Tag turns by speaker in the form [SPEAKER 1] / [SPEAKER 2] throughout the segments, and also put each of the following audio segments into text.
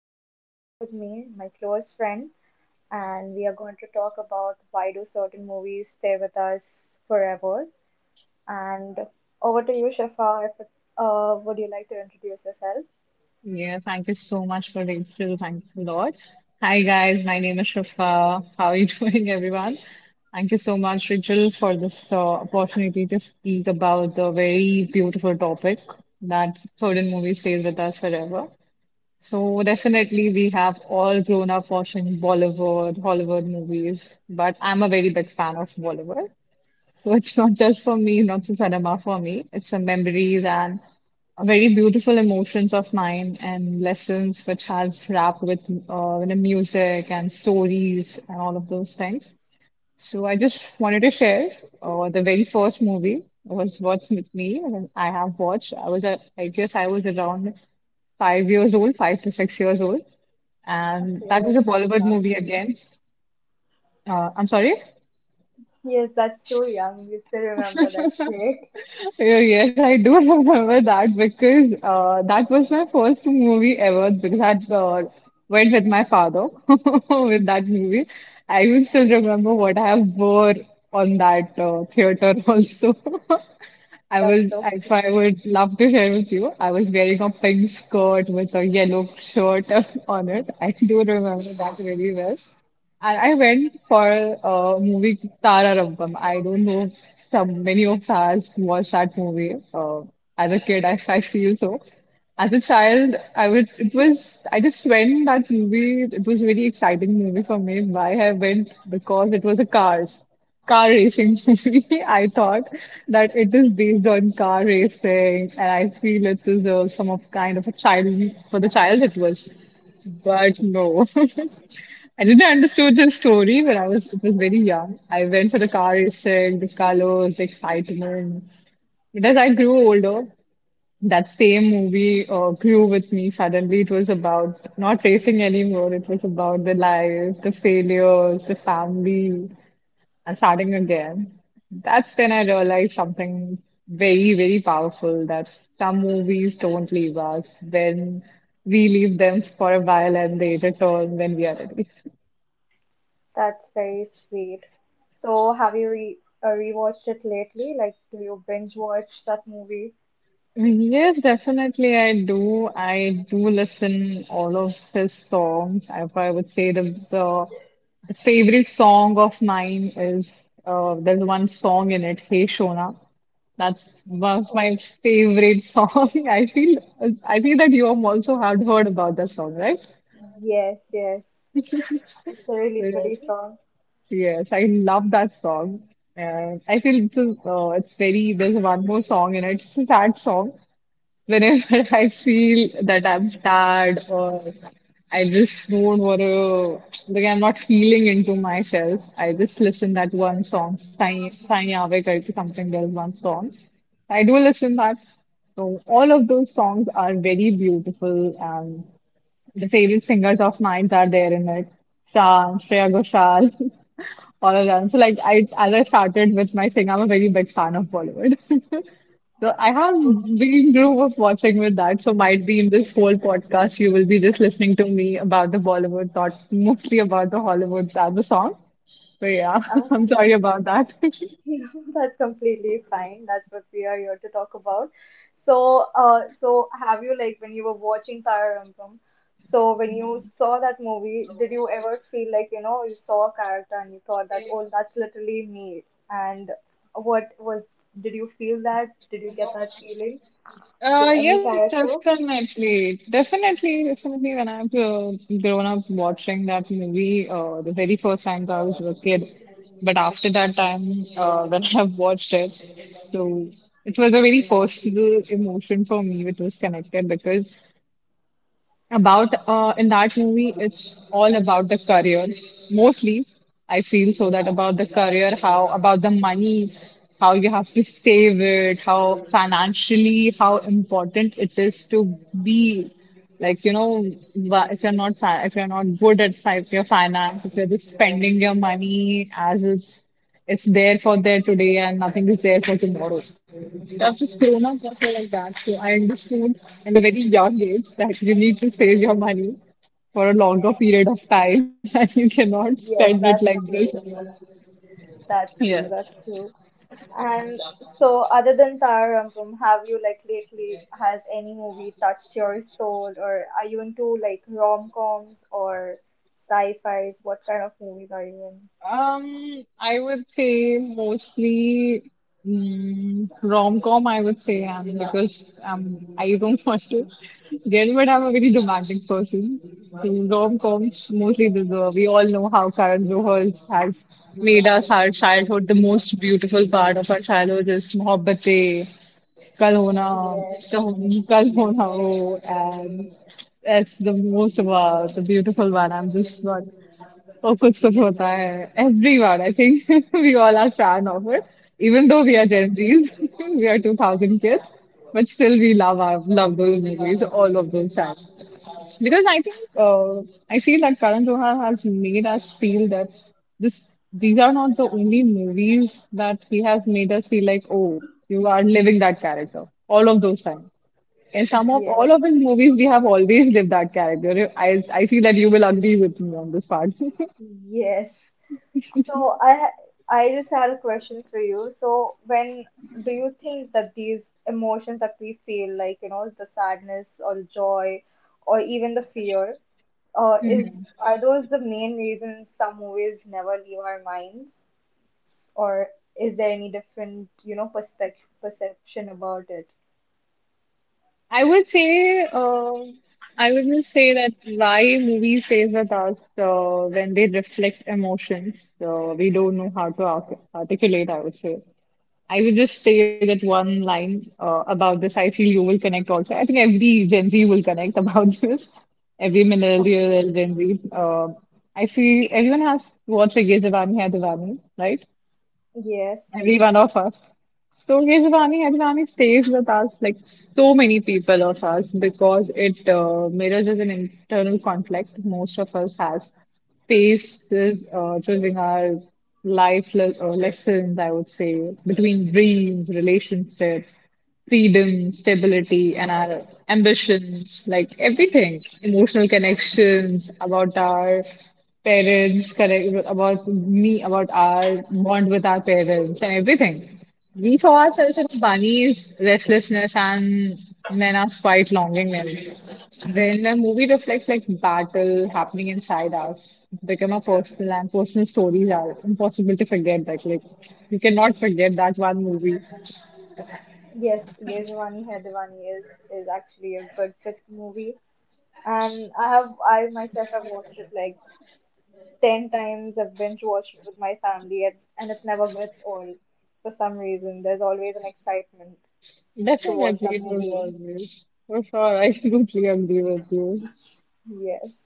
[SPEAKER 1] have Shifa with me, my close friend, and we are going to talk about why do certain movies stay with us forever. And over to you, Shifa. If, would you like to introduce yourself?
[SPEAKER 2] Yeah, thank you so much for the interview. Thanks a lot. Hi guys, my name is Shrifa. How are you doing, everyone? Thank you so much, Rachel, for this opportunity to speak about the very beautiful topic that certain movie stays with us forever. So definitely, we have all grown up watching Bollywood, Hollywood movies, but I'm a very big fan of Bollywood. So it's not just for me, not just cinema for me. It's a memories and very beautiful emotions of mine and lessons which has wrapped with music and stories and all of those things. So I just wanted to share the very first movie was what with me and I have watched. I was I guess I was around 5 years old, 5 to 6 years old,
[SPEAKER 1] Okay,
[SPEAKER 2] and that was
[SPEAKER 1] that's
[SPEAKER 2] a Bollywood
[SPEAKER 1] young.
[SPEAKER 2] movie again. I'm sorry.
[SPEAKER 1] Yes, that's too young. You still remember. That's great.
[SPEAKER 2] Yeah, Yes, I do remember that because that was my first movie ever because I went with my father with that movie. I will still remember what I have wore on that theater also. I
[SPEAKER 1] That's
[SPEAKER 2] was,
[SPEAKER 1] so
[SPEAKER 2] if
[SPEAKER 1] cute.
[SPEAKER 2] I would love to share with you, I was wearing a pink skirt with a yellow shirt on it. I do remember that really well. And I went for a movie Tara Rampam. I don't know if some many of us watched that movie. As a kid, I feel so. As a child, I would it was I just went that movie. It was a very exciting movie for me. Why I went because it was a car racing movie. I thought that it is based on car racing, and I feel it is a, some of kind of a child for the child it was. But no. I didn't understood the story when I was it was very young. I went for the car racing, the colors, the excitement. But as I grew older, that same movie grew with me. Suddenly, it was about not racing anymore. It was about the life, the failures, the family, and starting again. That's when I realized something very, very powerful that some movies don't leave us when we leave them for a while and they return when we are ready.
[SPEAKER 1] That's very sweet. So, have you re rewatched it lately? Like, do you binge watch that movie?
[SPEAKER 2] Yes, definitely I do. I do listen all of his songs. I would say the favorite song of mine is there's one song in it, Hey Shona. That's was my
[SPEAKER 1] Okay.
[SPEAKER 2] favorite song. I feel I think that you also have heard about that song, right?
[SPEAKER 1] Yes, yes. It's a
[SPEAKER 2] So,
[SPEAKER 1] really pretty song.
[SPEAKER 2] Yes, I love that song. And I feel it's very, there's one more song in it. It's a sad song. Whenever I feel that I'm sad or I just don't want to, like I'm not feeling into myself, I just listen that one song, Sai Sai Aave karke something. There's one song. I do listen that. So all of those songs are very beautiful, and the favorite singers of mine are there in it. Shah, Shreya Ghoshal, all of them. So like I, as I started with my singing, I'm a very big fan of Bollywood. So I have
[SPEAKER 1] Oh,
[SPEAKER 2] been group of watching with that, so might be in this whole podcast you will be just listening to me about the Bollywood, not mostly about the Hollywood and the song. But yeah, I'm
[SPEAKER 1] okay.
[SPEAKER 2] sorry about that.
[SPEAKER 1] That's completely fine. That's what we are here to talk about. So have you like when you were watching Tharavampam, so when you saw that movie, did you ever feel like, you know, you saw a character and you thought that, oh, that's literally me? And what was, did you feel that? Did you get that feeling with any
[SPEAKER 2] Yes,
[SPEAKER 1] character?
[SPEAKER 2] definitely, definitely, definitely. When I've grown up watching that movie, the very first time that I was a kid, but after that time, when I've watched it, so it was a very personal emotion for me, which was connected because about in that movie it's all about the career mostly I feel so that about the career how about the money how you have to save it how financially how important it is to be like you know if you're not good at your finance if you're just spending your money as it's there for there today and nothing is there for tomorrow. I've just grown up also like that. So I understood in a very young age that you need to save your money for a longer period of time and you cannot spend
[SPEAKER 1] Yes,
[SPEAKER 2] it like
[SPEAKER 1] that's
[SPEAKER 2] this.
[SPEAKER 1] true. That's
[SPEAKER 2] Yeah.
[SPEAKER 1] true. That's true. And so, other than Tararam, have you like lately has any movie touched your soul, or are you into like rom-coms or sci-fis? What kind of movies are you
[SPEAKER 2] I would say mostly rom-com, I would say, and because I don't want to get, but I'm a very romantic person. So rom-coms, mostly the we all know how Karan Johar has made us our childhood the most beautiful part of our childhood is Mohabbatein Kalhona,
[SPEAKER 1] in? Yeah.
[SPEAKER 2] Kalhona, oh, and that's the most wow, the beautiful one. I'm just not. Oh, kuch kuch hota hai. Everyone, I think we all are fan of it. Even though we are Gen Zs, we are 2000 kids, but still we love our, love those movies, all of those fans. Because I think I feel that Karan Johar has made us feel that this these are not the only movies that he has made us feel like, oh, you are living that character all of those times. In
[SPEAKER 1] Yes.
[SPEAKER 2] some of
[SPEAKER 1] Yes.
[SPEAKER 2] all of his movies, we have always lived that character. I feel that you will agree with me on this part.
[SPEAKER 1] Yes. So I just had a question for you. So when do you think that these emotions that we feel, like you know, the sadness or joy, or even the fear, is are those the main reasons some movies never leave our minds, or is there any different, you know, perspec perception about it?
[SPEAKER 2] I would say, I would just say that why movie stays with us when they reflect emotions. We don't know how to arc articulate, I would say. I would just say that one line about this. I feel you will connect also. I think every Gen Z will connect about this. Every millennial
[SPEAKER 1] Okay.
[SPEAKER 2] and Gen Z. I feel everyone has watched Ye Jawani Hai Diwani, right?
[SPEAKER 1] Yes,
[SPEAKER 2] Every one of us. So Yajvani, Yajvani stays with us like so many people of us because it mirrors as an internal conflict most of us has faces choosing our lessons, I would say, between dreams, relationships freedom, stability, and our ambitions, like everything, emotional connections about our parents, correct, about me, about our bond with our parents, and everything. We saw ourselves in Bunny's restlessness and Nana's quiet longing. Then the movie reflects like battle happening inside us, become a personal and personal stories are impossible to forget. That like you cannot forget that one movie.
[SPEAKER 1] yes, Ye Jawani Hai Diwani is actually a good fit movie, and I have I myself have watched it like 10 times. I've binge watched it with my family, and it never gets old for some reason. There's always an excitement to watch
[SPEAKER 2] Definitely,
[SPEAKER 1] that
[SPEAKER 2] it
[SPEAKER 1] movie.
[SPEAKER 2] always. For sure, I completely agree with you.
[SPEAKER 1] Yes.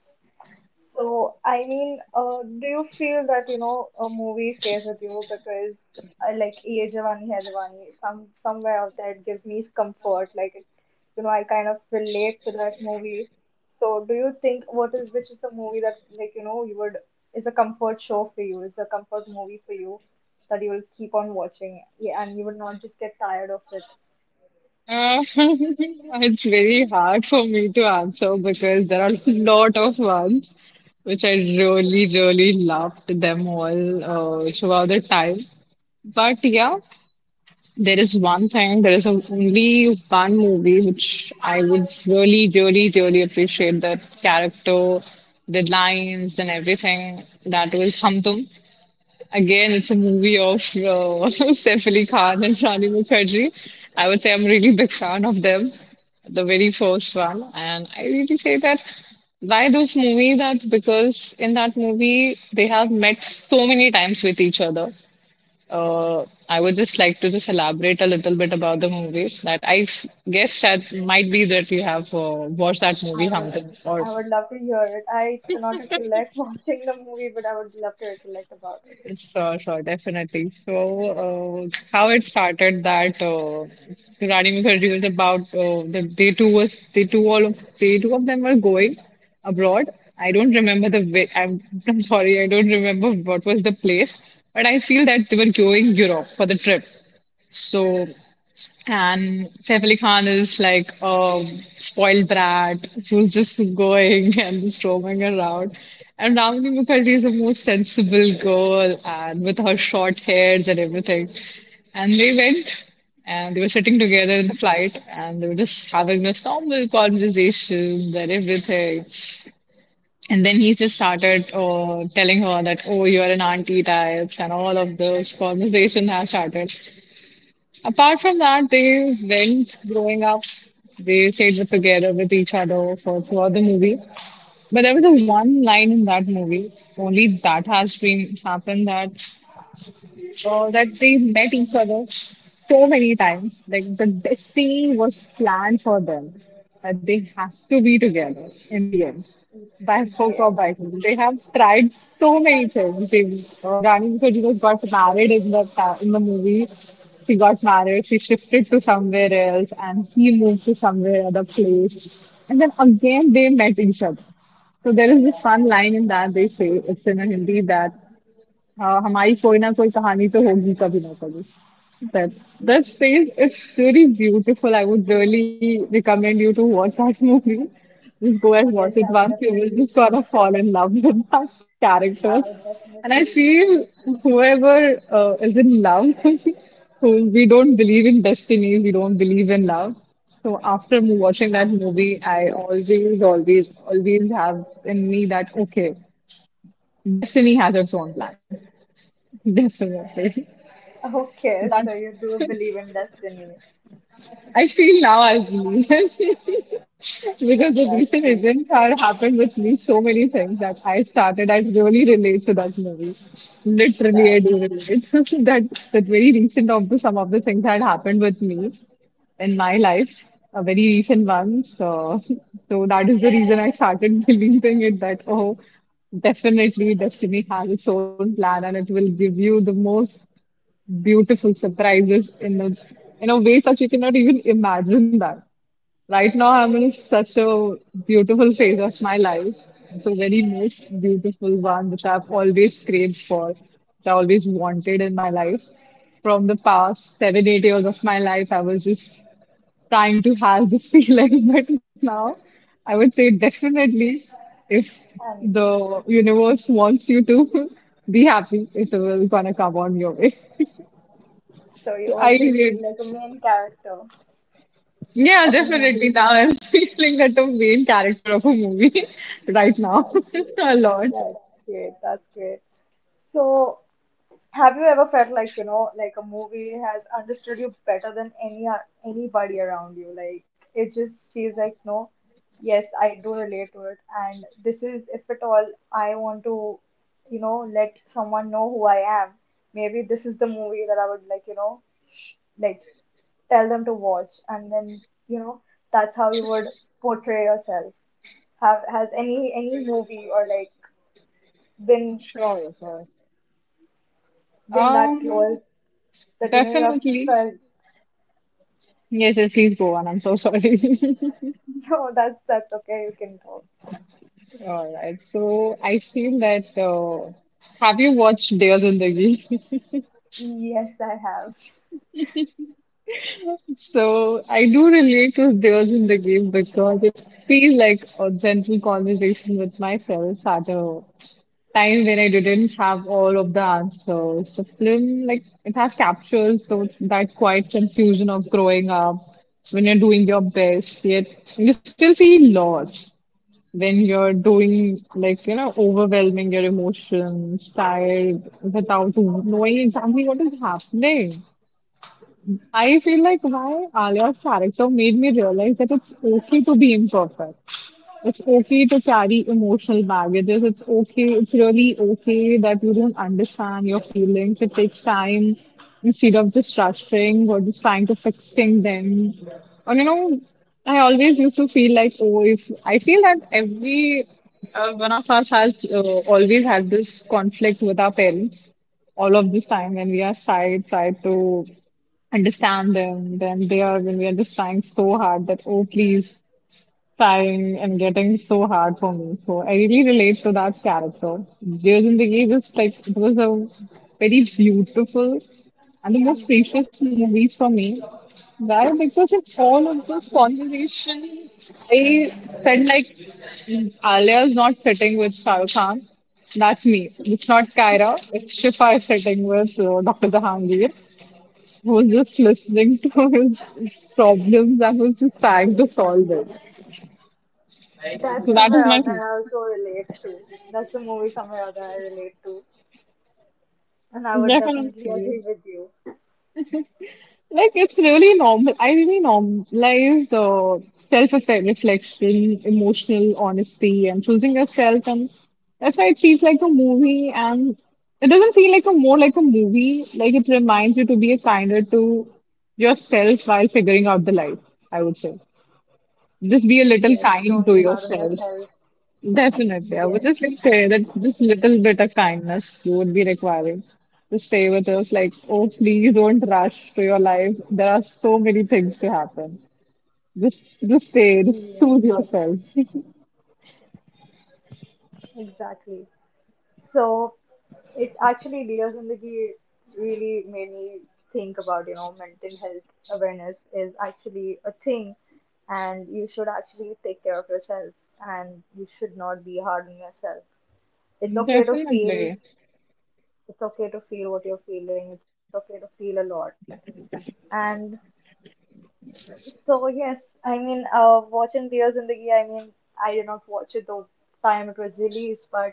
[SPEAKER 1] So, I mean, do you feel that, you know, a movie stays with you because, like, Ye Jawani Hai Diwani, somewhere out there it gives me comfort. Like, it, I kind of relate to that movie. So, do you think which is the movie that, like, you know, is a comfort movie for you that you will keep on watching, yeah, and you would not just get tired of it?
[SPEAKER 2] Uh, it's very hard for me to answer because there are a lot of ones which I really, really loved them all throughout the time. But yeah, there is one thing, only one movie which I would really, really, really appreciate the character, the lines, and everything. That was Hum Tum. Again, it's a movie of Saif Ali Khan and Rani Mukherjee. I would say I'm really big fan of them, the very first one. And I really say that why those movies that because in that movie they have met so many times with each other. I would just like to just elaborate a little bit about the movies that guess that might be that you have watched that movie
[SPEAKER 1] I would,
[SPEAKER 2] something or
[SPEAKER 1] I would love to hear it. I do not recollect watching the movie, but I would love to recollect about it.
[SPEAKER 2] sure, sure, definitely. So, how it started that Rani Mukherjee was about they two all of they two of them were going abroad. I don't remember the way. I'm sorry, I don't remember what was the place, but I feel that they were going Europe for the trip. So and Saif Ali Khan is like a spoiled brat who's just going and just roaming around. And Ramani Mukherjee is a more sensible girl and with her short hairs and everything. And they went and they were sitting together in the flight and they were just having this normal conversation and everything. And then he just started telling her that, oh, you're an auntie type, and all of this conversation has started. Apart from that, they went growing up. They stayed with together with each other for throughout the movie. But there was a one line in that movie, only that has been happened that that they met each other so many times. Like the destiny was planned for them, that they have to be together in the end, by hook or
[SPEAKER 1] Yes,
[SPEAKER 2] by crook. They have tried so many things. They, Rani Mukherjee was got married in the movie. She got married. She shifted to somewhere else, and he moved to somewhere other place. And then again, they met each other. So there is this one line in that they say it's in a Hindi that हाँ हमारी कोई ना कोई कहानी तो होगी कभी ना कभी. That that phase is really beautiful. I would really recommend you to watch that movie. Just go and watch
[SPEAKER 1] yes,
[SPEAKER 2] it
[SPEAKER 1] I would
[SPEAKER 2] once. You will
[SPEAKER 1] definitely
[SPEAKER 2] just sort of
[SPEAKER 1] watch.
[SPEAKER 2] fall in love with that character.
[SPEAKER 1] I would
[SPEAKER 2] And I
[SPEAKER 1] definitely.
[SPEAKER 2] feel whoever is in love, who we don't believe in destiny, we don't believe in love. So after watching that movie, I always, always, always have in me that okay, destiny has its own plan. Definitely.
[SPEAKER 1] Okay,
[SPEAKER 2] That
[SPEAKER 1] so you do believe in destiny.
[SPEAKER 2] I feel now as me because the recent
[SPEAKER 1] That's it.
[SPEAKER 2] events are happened with me so many things that I started. I really relate to that movie. Literally, I
[SPEAKER 1] That
[SPEAKER 2] do relate. That very recent of the some of the things that happened with me in my life, a very recent one. So that is the reason I started believing it that oh, definitely destiny has its own plan and it will give you the most beautiful surprises in a way such you cannot even imagine that. Right now I'm in such a beautiful phase of my life. The very most beautiful one which I've always craved for, which I always wanted in my life. From the past 7, 8 years of my life, I was just trying to have this feeling, but now I would say definitely if
[SPEAKER 1] And
[SPEAKER 2] the universe wants you to be happy, it will gonna come on your way.
[SPEAKER 1] so you
[SPEAKER 2] I
[SPEAKER 1] already
[SPEAKER 2] did.
[SPEAKER 1] feel like a main character
[SPEAKER 2] Yeah,
[SPEAKER 1] of a
[SPEAKER 2] definitely.
[SPEAKER 1] movie.
[SPEAKER 2] Now I'm feeling that the main character of a movie right now
[SPEAKER 1] That's it.
[SPEAKER 2] a lot.
[SPEAKER 1] That's great. That's great. So have you ever felt like, you know, like a movie has understood you better than anybody around you? Like it just feels like, no, yes, I do relate to it, and this is, if at all, I want to, you know, let someone know who I am. Maybe this is the movie that I would like, you know, like tell them to watch, and then, you know, that's how you would portray yourself. Have Has any movie or like been
[SPEAKER 2] Sure, sure.
[SPEAKER 1] been that
[SPEAKER 2] Um,
[SPEAKER 1] close that you know you have
[SPEAKER 2] definitely.
[SPEAKER 1] felt?
[SPEAKER 2] Yes, yes, please go on. I'm so sorry.
[SPEAKER 1] No, that's okay. You can talk.
[SPEAKER 2] All right. So I feel that have you watched Dears in the Game?
[SPEAKER 1] Yes, I have.
[SPEAKER 2] So I do relate to Dears in the Game because it feels like a gentle conversation with myself at a time when I didn't have all of the answers. The film, like, it has captures those, that quiet confusion of growing up when you're doing your best, yet you still feel lost when you're doing, like, you know, overwhelming your emotions, tired, without knowing exactly what is happening. I feel like why Alia's character made me realize that it's okay to be imperfect. It's okay to carry emotional baggages. It's okay. It's really okay that you don't understand your feelings. It takes time instead of just rushing or just trying to fixing them. And you know, I always used to feel like, oh, if I feel that every one of us has always had this conflict with our parents all of this time when we are shy, try to understand them. Then they are when we are just trying so hard that, oh, please Time and getting so hard for me. So I really relate to that character. Dear Zindagi was like it was a very beautiful and the most
[SPEAKER 1] Yes,
[SPEAKER 2] precious movies for me. Why? Because in all of those conversations, I felt like Alia is not sitting with Shah Rukh Khan. That's me. It's not Kyra. It's Shifa sitting with Dr. Jahangir, who was just listening to his problems and was just trying to solve it.
[SPEAKER 1] that's
[SPEAKER 2] So that
[SPEAKER 1] somewhere
[SPEAKER 2] is my
[SPEAKER 1] out that I also relate to. That's the movie somewhere out that I relate to, and I would definitely
[SPEAKER 2] definitely.
[SPEAKER 1] agree with you.
[SPEAKER 2] Like it's really normal. I really normalize self-reflection, emotional honesty, and choosing yourself. And that's why it feels like a movie. And it doesn't feel like a more like a movie. Like it reminds you to be a kinder to yourself while figuring out the life. I would say
[SPEAKER 1] Yes,
[SPEAKER 2] just be a
[SPEAKER 1] don't be
[SPEAKER 2] little
[SPEAKER 1] hard on
[SPEAKER 2] kind to
[SPEAKER 1] yourself.
[SPEAKER 2] yourself.
[SPEAKER 1] Yes,
[SPEAKER 2] Definitely. I would just like say that just little bit of kindness you would be requiring to stay with us. Like, oh, please don't rush to your life. There are so many things to happen. Just stay.
[SPEAKER 1] yes,
[SPEAKER 2] Just choose yourself.
[SPEAKER 1] exactly. So Diya Zindagi really made me think about, you know, mental health awareness is actually a thing, and you should actually take care of yourself, and you should not be hard on yourself. It's okay to feel,
[SPEAKER 2] Definitely.
[SPEAKER 1] it's okay to feel what you're feeling, it's okay to feel a lot. And so, yes, I mean, watching Diya Zindagi, I mean, I did not watch it the time it was released, but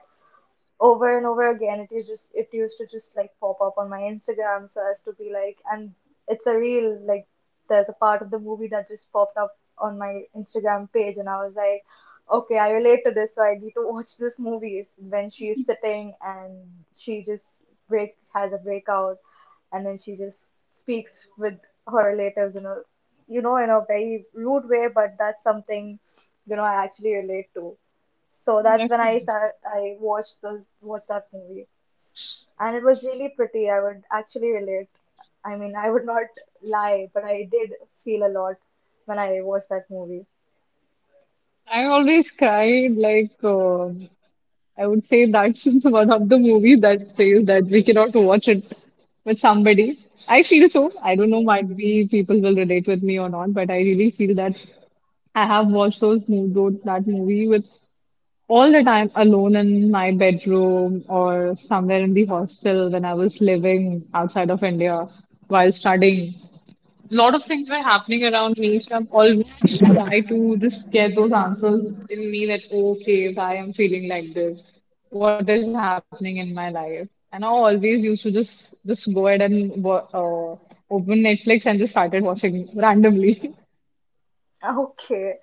[SPEAKER 1] over and over again it is just it used to just like pop up on my Instagram, so as to be like, and it's a real, like, there's a part of the movie that just popped up on my Instagram page and I was like, okay, I relate to this, so I need to watch this movie when she's sitting and she just break has a breakout, and then she just speaks with her relatives in a, you know, in a very rude way, but that's something, you know, I actually relate to. So that's when
[SPEAKER 2] Definitely.
[SPEAKER 1] I watched the watched that movie, and it was really pretty. I would actually relate. I mean, I would not lie, but I did feel a lot when I watched that movie.
[SPEAKER 2] I always cried. Like, I would say that's one of the movies that says that we cannot watch it with somebody. I feel so. I don't know,
[SPEAKER 1] Yes.
[SPEAKER 2] might be people will relate with me or not, but I really feel that I have watched those Mood Road, that movie with all the time alone in my bedroom or somewhere in the hostel when I was living outside of India while studying. A lot of things were happening around me, so I'm always try to just get those answers in me that okay, why I'm feeling like this, what is happening in my life. And I always used to just go ahead and open Netflix and just started watching randomly.
[SPEAKER 1] Okay,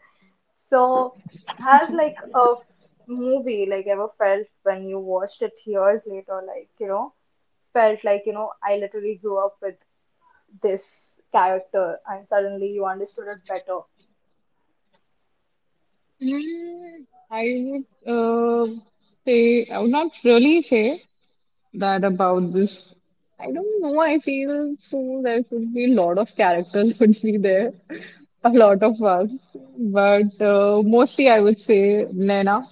[SPEAKER 1] so has like a movie like ever felt when you watched it years later, like you know, felt like you know, I literally grew up with this character, and suddenly you understood it better.
[SPEAKER 2] Mm, I would say, I would not really say that about this. I don't know. I feel so there could be a lot of characters would be there, a lot of us. But mostly I would say Naina.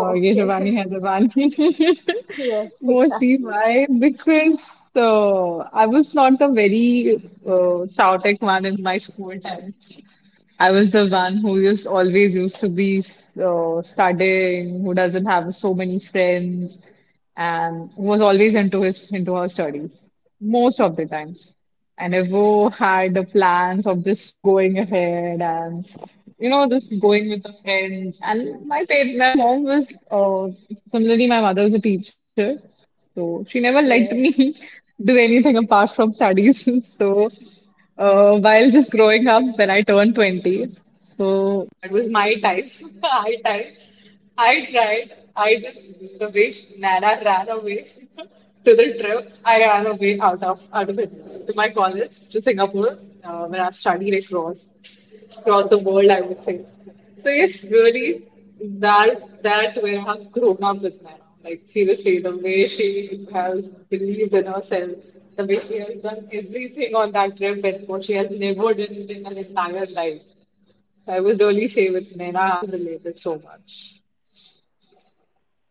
[SPEAKER 2] ये जवानी
[SPEAKER 1] okay.
[SPEAKER 2] है जवानी.
[SPEAKER 1] Yes,
[SPEAKER 2] Mostly
[SPEAKER 1] exactly.
[SPEAKER 2] why? Because I was not a very chaotic one in my school time. I was the one who used always used to be studying, who doesn't have so many friends and was always into his into her studies most of the times. I never had the plans of just going ahead and you know just going with a friend. And my parents, my mom was similarly my mother was a teacher, so she never let
[SPEAKER 1] Yes.
[SPEAKER 2] me do anything apart from studies. so while just growing up, when I turned 20, so that was my time, high time. I tried. I just the way Nana ran away to the trip. I ran away out of it to my college to Singapore when I've studied across the world. I would say. So yes, really, that way I have grown up with Nana. Like seriously, the way she has believed in herself, the way she has done everything on that trip, and what she has never done in her entire life. So I would really say with Nana, I've related so much.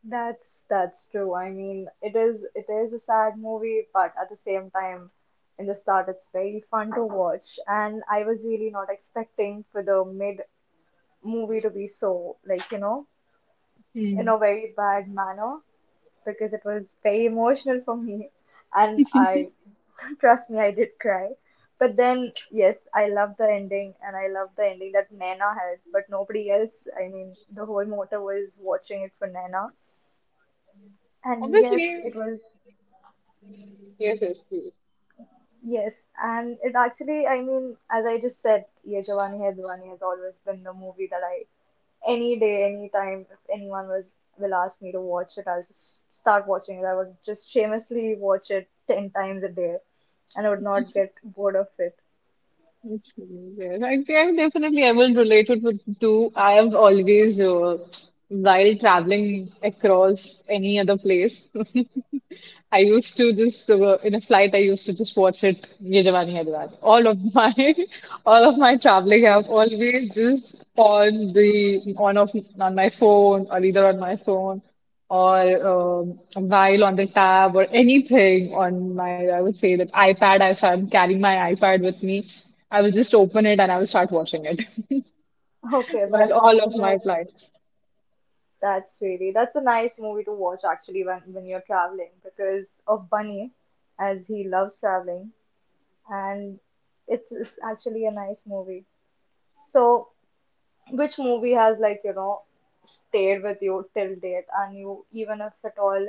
[SPEAKER 1] That's true. I mean, it is a sad movie, but at the same time, in the start, it's very fun to watch. And I was really not expecting for the mid movie to be so like, you know, in a very bad manner because it was very emotional for me, and I trust me, I did cry. But then, yes, I love the ending, and I love the ending that Naina had, but nobody else. I mean, the whole motor was watching it for Naina. And yes,
[SPEAKER 2] Obviously,
[SPEAKER 1] it was
[SPEAKER 2] yes, yes, please.
[SPEAKER 1] yes, and it actually, I mean, as I just said, Ye Jawani Hai Diwani has always been the movie that I, any day, any time, if anyone was will ask me to watch it, I'll just start watching it. I would just shamelessly watch it 10 times a day, and I would not get bored of it.
[SPEAKER 2] Yes, yes. I think definitely I will relate it with too. I have always, while traveling across any other place, I used to just in a flight. I used to just watch it. Ye Jawani Hai Diwani. All of my, all of my traveling, I've always just on my phone or either on my phone. Or while on the tab or anything on my, I would say that iPad, if I'm carrying my iPad with me, I will just open it and I will start watching it
[SPEAKER 1] Okay,
[SPEAKER 2] while all of my
[SPEAKER 1] that
[SPEAKER 2] flights.
[SPEAKER 1] that's a nice movie to watch actually when you're traveling because of Bunny, as he loves traveling, and it's actually a nice movie. So which movie has like, you know, stayed with you till date and you even if at all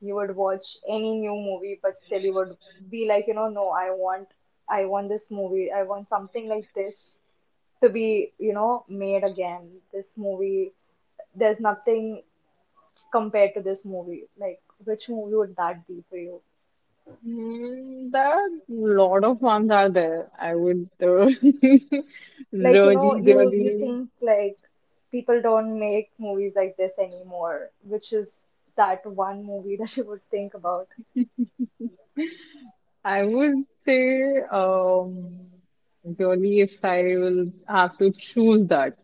[SPEAKER 1] you would watch any new movie but still you would be like, you know, no, I want this movie. I want something like this to be, you know, made again. This movie, there's nothing compared to this movie. Like, which movie would that be for you?
[SPEAKER 2] There are a lot of ones are there. I would
[SPEAKER 1] Like, you know,
[SPEAKER 2] really,
[SPEAKER 1] you
[SPEAKER 2] really,
[SPEAKER 1] think like people don't make movies like this anymore, which is that one movie that you would think about.
[SPEAKER 2] I would say, really, if I will have to choose that.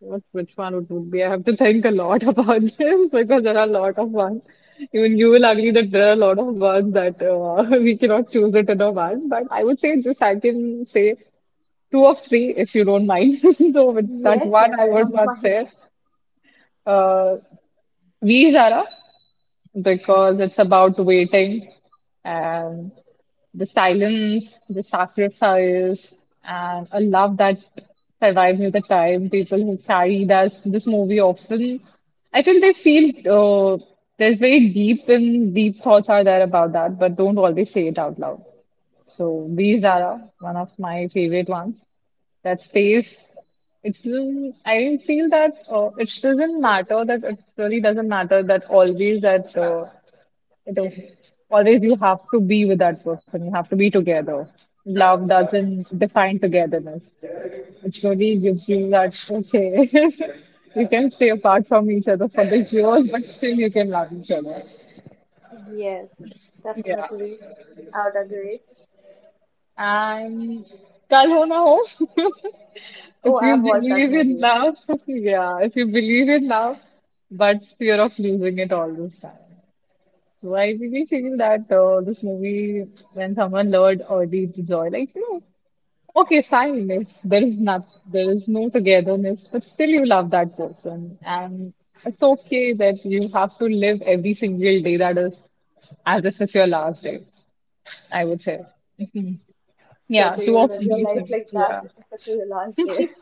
[SPEAKER 2] What, which one it would be? I have to think a lot about this because there are a lot of ones. Even you will agree that there are a lot of ones that we cannot choose it in a one. But I would say just I can say two of three if you don't mind. So with that
[SPEAKER 1] Yes, yes,
[SPEAKER 2] one, I
[SPEAKER 1] I
[SPEAKER 2] would
[SPEAKER 1] don't
[SPEAKER 2] not
[SPEAKER 1] mind.
[SPEAKER 2] say uh, V is Zara because it's about waiting and the silence, the sacrifice, and a love that survives with the time. People who carry that this movie often, I feel they feel there's very deep and deep thoughts are there about that, but don't always say it out loud. So these are one of my favorite ones. That stays. It will, I feel that it doesn't matter that it really doesn't matter that always that it is always you have to be with that person. You have to be together. Love doesn't define togetherness. It really gives you that, okay, you can stay apart from each other for the years, but still you can love each other.
[SPEAKER 1] Yes,
[SPEAKER 2] Yeah.
[SPEAKER 1] definitely. I would agree.
[SPEAKER 2] And kal ho na ho.
[SPEAKER 1] Oh,
[SPEAKER 2] If you
[SPEAKER 1] I've watched that
[SPEAKER 2] believe in
[SPEAKER 1] movie.
[SPEAKER 2] love, yeah, if you believe in love, but fear of losing it all this time. So I really feel that this movie, when someone lured Audie to joy, like, you know, okay, fine, if there is not, there is no togetherness, but still you love that person. And it's okay that you have to live every single day that is as if it's your last day, I would say.
[SPEAKER 1] So,
[SPEAKER 2] Yeah,
[SPEAKER 1] do you
[SPEAKER 2] two of
[SPEAKER 1] live your
[SPEAKER 2] these.
[SPEAKER 1] life like that
[SPEAKER 2] Yeah.
[SPEAKER 1] if it's your last day?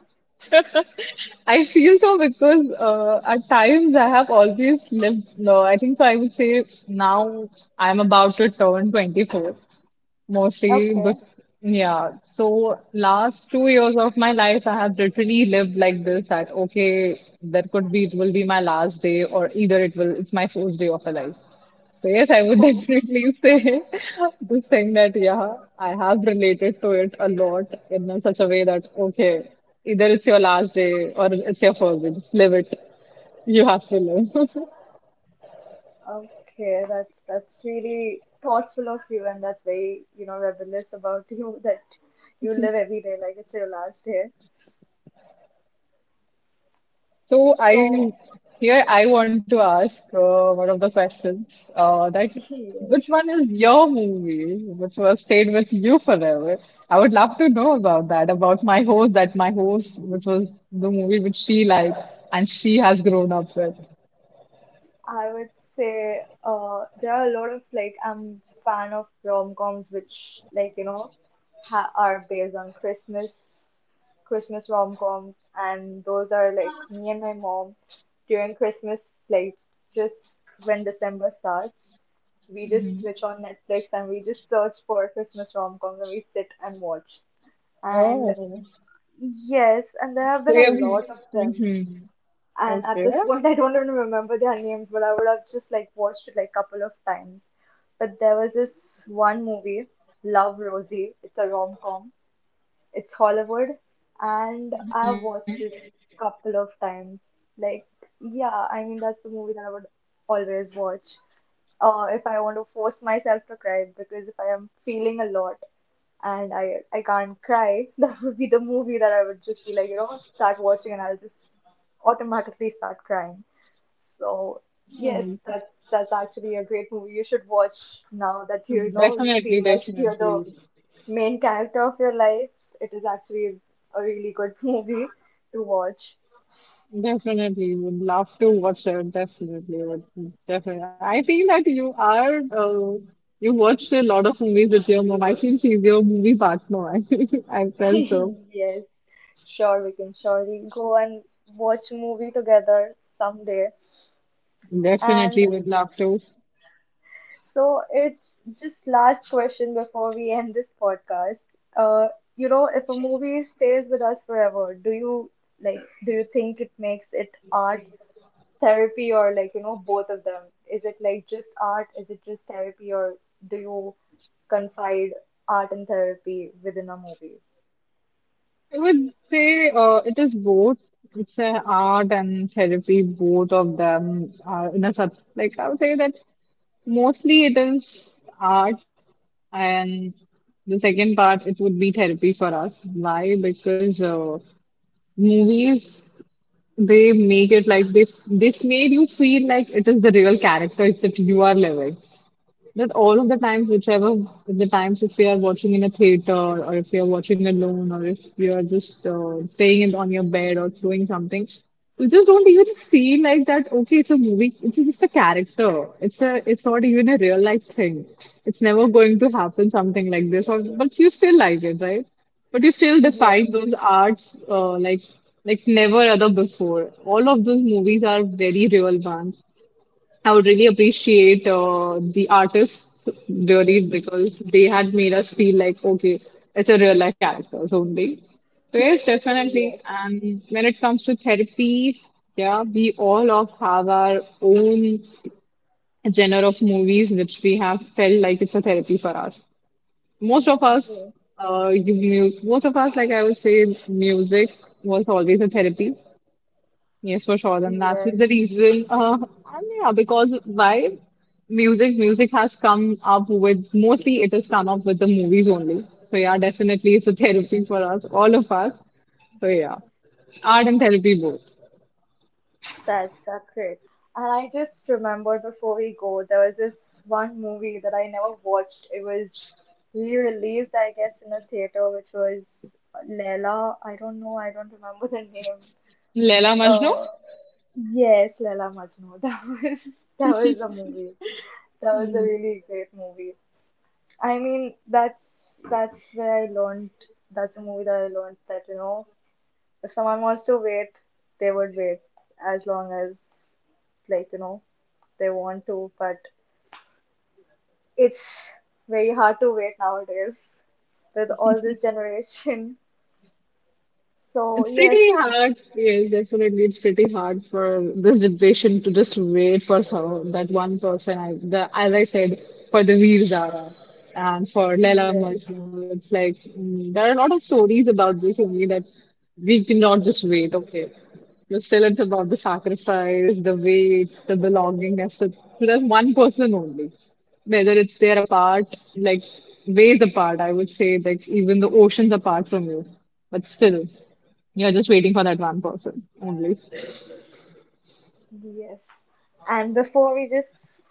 [SPEAKER 2] I feel so because at times I have always lived low. I think so. I would say now I'm about to turn 24, mostly.
[SPEAKER 1] Okay.
[SPEAKER 2] But yeah, so last 2 years of my life, I have literally lived like this that okay, that could be it will be my last day, or either it will, it's my first day of a life. So yes, I would definitely say this thing that yeah, I have related to it a lot in such a way that okay, either it's your last day or it's your first day. Just live it. You have to live.
[SPEAKER 1] Okay, that's really thoughtful of you, and that's very, you know, rebellious about you that you live every day like it's your last day.
[SPEAKER 2] So I
[SPEAKER 1] So,
[SPEAKER 2] here I want to ask one of the questions that which
[SPEAKER 1] yes.
[SPEAKER 2] one is your movie which will stayed with you forever? I would love to know about that, about my host, that my host, which was the movie which she liked and she has grown up with.
[SPEAKER 1] I would say there are a lot of, like, I'm fan of rom-coms which, like you know, ha are based on Christmas rom-coms, and those are like me and my mom during Christmas, like, just when December starts, we just switch on Netflix and we just search for Christmas rom-coms and we sit and watch, and
[SPEAKER 2] Oh,
[SPEAKER 1] yes, and there have
[SPEAKER 2] so
[SPEAKER 1] been a lot of them,
[SPEAKER 2] mm-hmm.
[SPEAKER 1] and at
[SPEAKER 2] Okay.
[SPEAKER 1] this point, I don't even remember their names, but I would have just like watched it like couple of times. But there was this one movie, Love Rosie. It's a rom-com. It's Hollywood, and I've watched it couple of times. Like, yeah, I mean that's the movie that I would always watch. If I want to force myself to cry, because if I am feeling a lot and I can't cry, that would be the movie that I would just be like, you know, start watching and I'll just automatically start crying. So yes,
[SPEAKER 2] Mm.
[SPEAKER 1] that's actually a great movie. You should watch now that you know you
[SPEAKER 2] Definitely,
[SPEAKER 1] feel like you're the
[SPEAKER 2] definitely.
[SPEAKER 1] main character of your life, it is actually a really good movie to watch.
[SPEAKER 2] Definitely would love to watch it. Definitely would definitely. I feel that you are you watched a lot of movies with your mom. I feel she's your movie partner. I felt so.
[SPEAKER 1] Yes, sure, we can surely go and watch a movie together someday. And
[SPEAKER 2] Definitely would love to.
[SPEAKER 1] so it's just last question before we end this podcast. Uh, you know, if a movie stays with us forever, like, do you think it makes it art, therapy, or like you know both of them? Is it like just art, is it just therapy, or do you confide art and therapy within a movie?
[SPEAKER 2] I would say it is both. It's an art and therapy. Both of them are in a sub like I would say that mostly it is art. And the second part, it would be therapy for us. Why? Because movies, they make it like they made you feel like it is the real character that you are living. That all of the times, whichever the times, if you are watching in a theater or if you are watching alone or if you are just staying in, on your bed or doing something, you just don't even feel like that. Okay, it's a movie. It's just a character. It's a. It's not even a real life thing. It's never going to happen something like this. Or but you still like it, right? But you still
[SPEAKER 1] Yes,
[SPEAKER 2] define those arts like never other before. All of those movies are very real ones. I would really appreciate the artists really because they had made us feel like, okay, it's a real life characters only. So yes, definitely.
[SPEAKER 1] yes,
[SPEAKER 2] And when it comes to therapy, yeah, we all of have our own genre of movies which we have felt like it's a therapy for us. Most of us,
[SPEAKER 1] yes,
[SPEAKER 2] you, most of us, like I would say, music was always a therapy. Yes, for sure, and that's
[SPEAKER 1] yes.
[SPEAKER 2] the reason. And yeah, because why music has come up with mostly it has come up with the movies only. So yeah, definitely it's a therapy for us, all of us. So yeah, art and therapy both.
[SPEAKER 1] That's so great. And I just remembered before we go, there was this one movie that I never watched, it was re-released I guess in a theater, which was Leela, I don't know, I don't remember the name,
[SPEAKER 2] Leela Majnu.
[SPEAKER 1] uh yes, Leela Majnu, that was the movie. That was a really great movie. I mean, that's where I learned. That's the movie that I learned that, you know, if someone wants to wait, they would wait as long as, like you know, they want to. But it's very hard to wait nowadays with all this generation. So
[SPEAKER 2] It's pretty
[SPEAKER 1] yes,
[SPEAKER 2] hard. Yes, definitely. It's pretty hard for this generation to just wait for some, that one person. I, the, as I said, for the Veer Zara and for Leila
[SPEAKER 1] yes,
[SPEAKER 2] Majnun, it's like mm, there are a lot of stories about this only that we cannot just wait. Okay, but still, it's about the sacrifice, the wait, the belongingness to that one person only. Whether it's they're apart, like ways apart, I would say, like even the oceans apart from you, but still. You're just waiting for that one person only.
[SPEAKER 1] yes. And before we just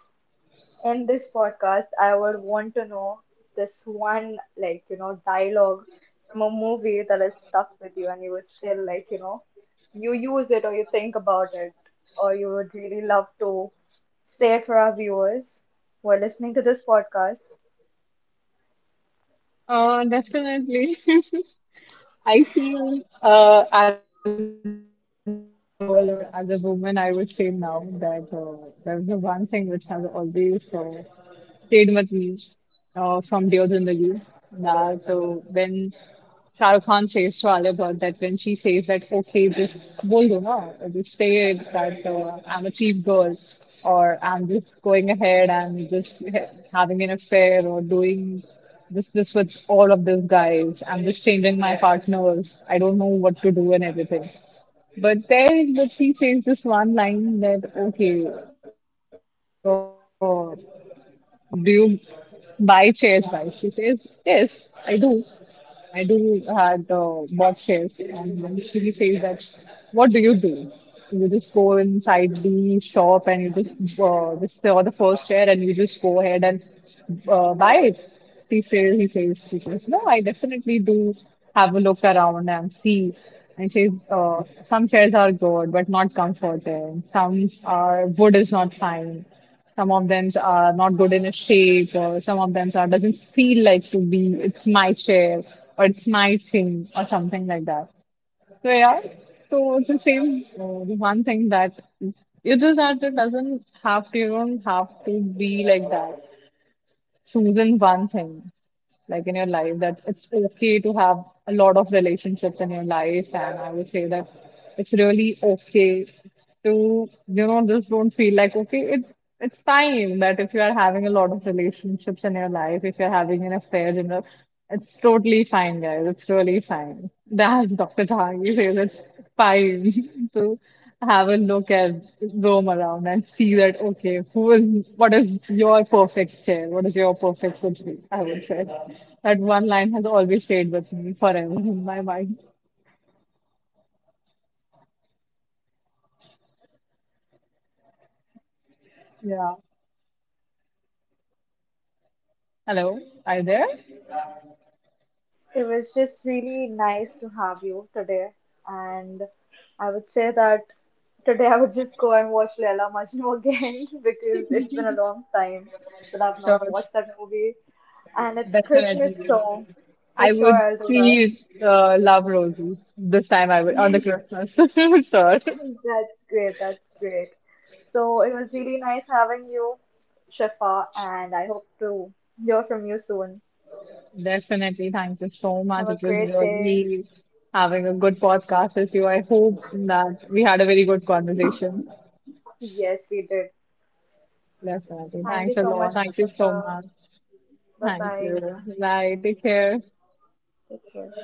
[SPEAKER 1] in this podcast, I would want to know this one, like, you know, dialogue from a movie that is stuck with you and you would still, like, you know, you use it or you think about it or you would really love to say it for our viewers who are listening to this podcast.
[SPEAKER 2] Definitely. I feel as a girl or as a woman, I would say now that there's the one thing which has always stayed with me from Deodhindagi that when Shah Rukh Khan says to Alia Bhatt that when she says that, okay, just bol do na, just say it that I'm a cheap girl or I'm just going ahead and just having an affair or doing. This with all of these guys. I'm just changing my partners. I don't know what to do and everything. But then but she says this one line that okay, uh, do you buy shares, guys? She says, yes, I do. I do had bought shares. And then she says that, what do? You just go inside the shop and you just saw the first share and you just go ahead and buy it. She says, he says, she says, no, I definitely do have a look around and see. And says, some chairs are good, but not comforting. Some are wood is not fine. Some of them are not good in a shape, or some of them are doesn't feel like to be. It's my chair, or it's my thing, or something like that. So yeah, so it's the same. The one thing that it is that it doesn't have to. You don't have to be like that choosing one thing like in your life, that it's okay to have a lot of relationships in your life, and I would say that it's really okay to, you know, just don't feel like okay it's fine that if you are having a lot of relationships in your life, if you're having an affair in a, it's totally fine, guys, it's really fine that Dr. Jhangi says it's fine. So have a look and roam around and see that okay, who is, what is your perfect chair, what is your perfect footstool, I would say that one line has always stayed with me forever in my mind. Yeah. Hello, are you there?
[SPEAKER 1] It was just really nice to have you today. And I would say that today I would just go and watch Laila Majnu again because it's been a long time that I've not
[SPEAKER 2] Sure,
[SPEAKER 1] watched that movie. And it's Christmas,
[SPEAKER 2] definitely,
[SPEAKER 1] so for
[SPEAKER 2] I
[SPEAKER 1] sure
[SPEAKER 2] would
[SPEAKER 1] I'll do that.
[SPEAKER 2] see Love Rosie this time, I would, on the Christmas. Sure.
[SPEAKER 1] That's great. That's great. So it was really nice having you, Shifa, and I hope to hear from you soon.
[SPEAKER 2] Definitely. Thank you so
[SPEAKER 1] Have
[SPEAKER 2] much.
[SPEAKER 1] a
[SPEAKER 2] It was
[SPEAKER 1] great day.
[SPEAKER 2] really having a good podcast with you. I hope that we had a very good conversation.
[SPEAKER 1] Yes, we did.
[SPEAKER 2] Definitely.
[SPEAKER 1] Thank you
[SPEAKER 2] Thanks a
[SPEAKER 1] so much,
[SPEAKER 2] lot. Thank you so
[SPEAKER 1] Shifa.
[SPEAKER 2] much.
[SPEAKER 1] Bye
[SPEAKER 2] Thank
[SPEAKER 1] bye.
[SPEAKER 2] you. Bye. Take care.
[SPEAKER 1] Take care.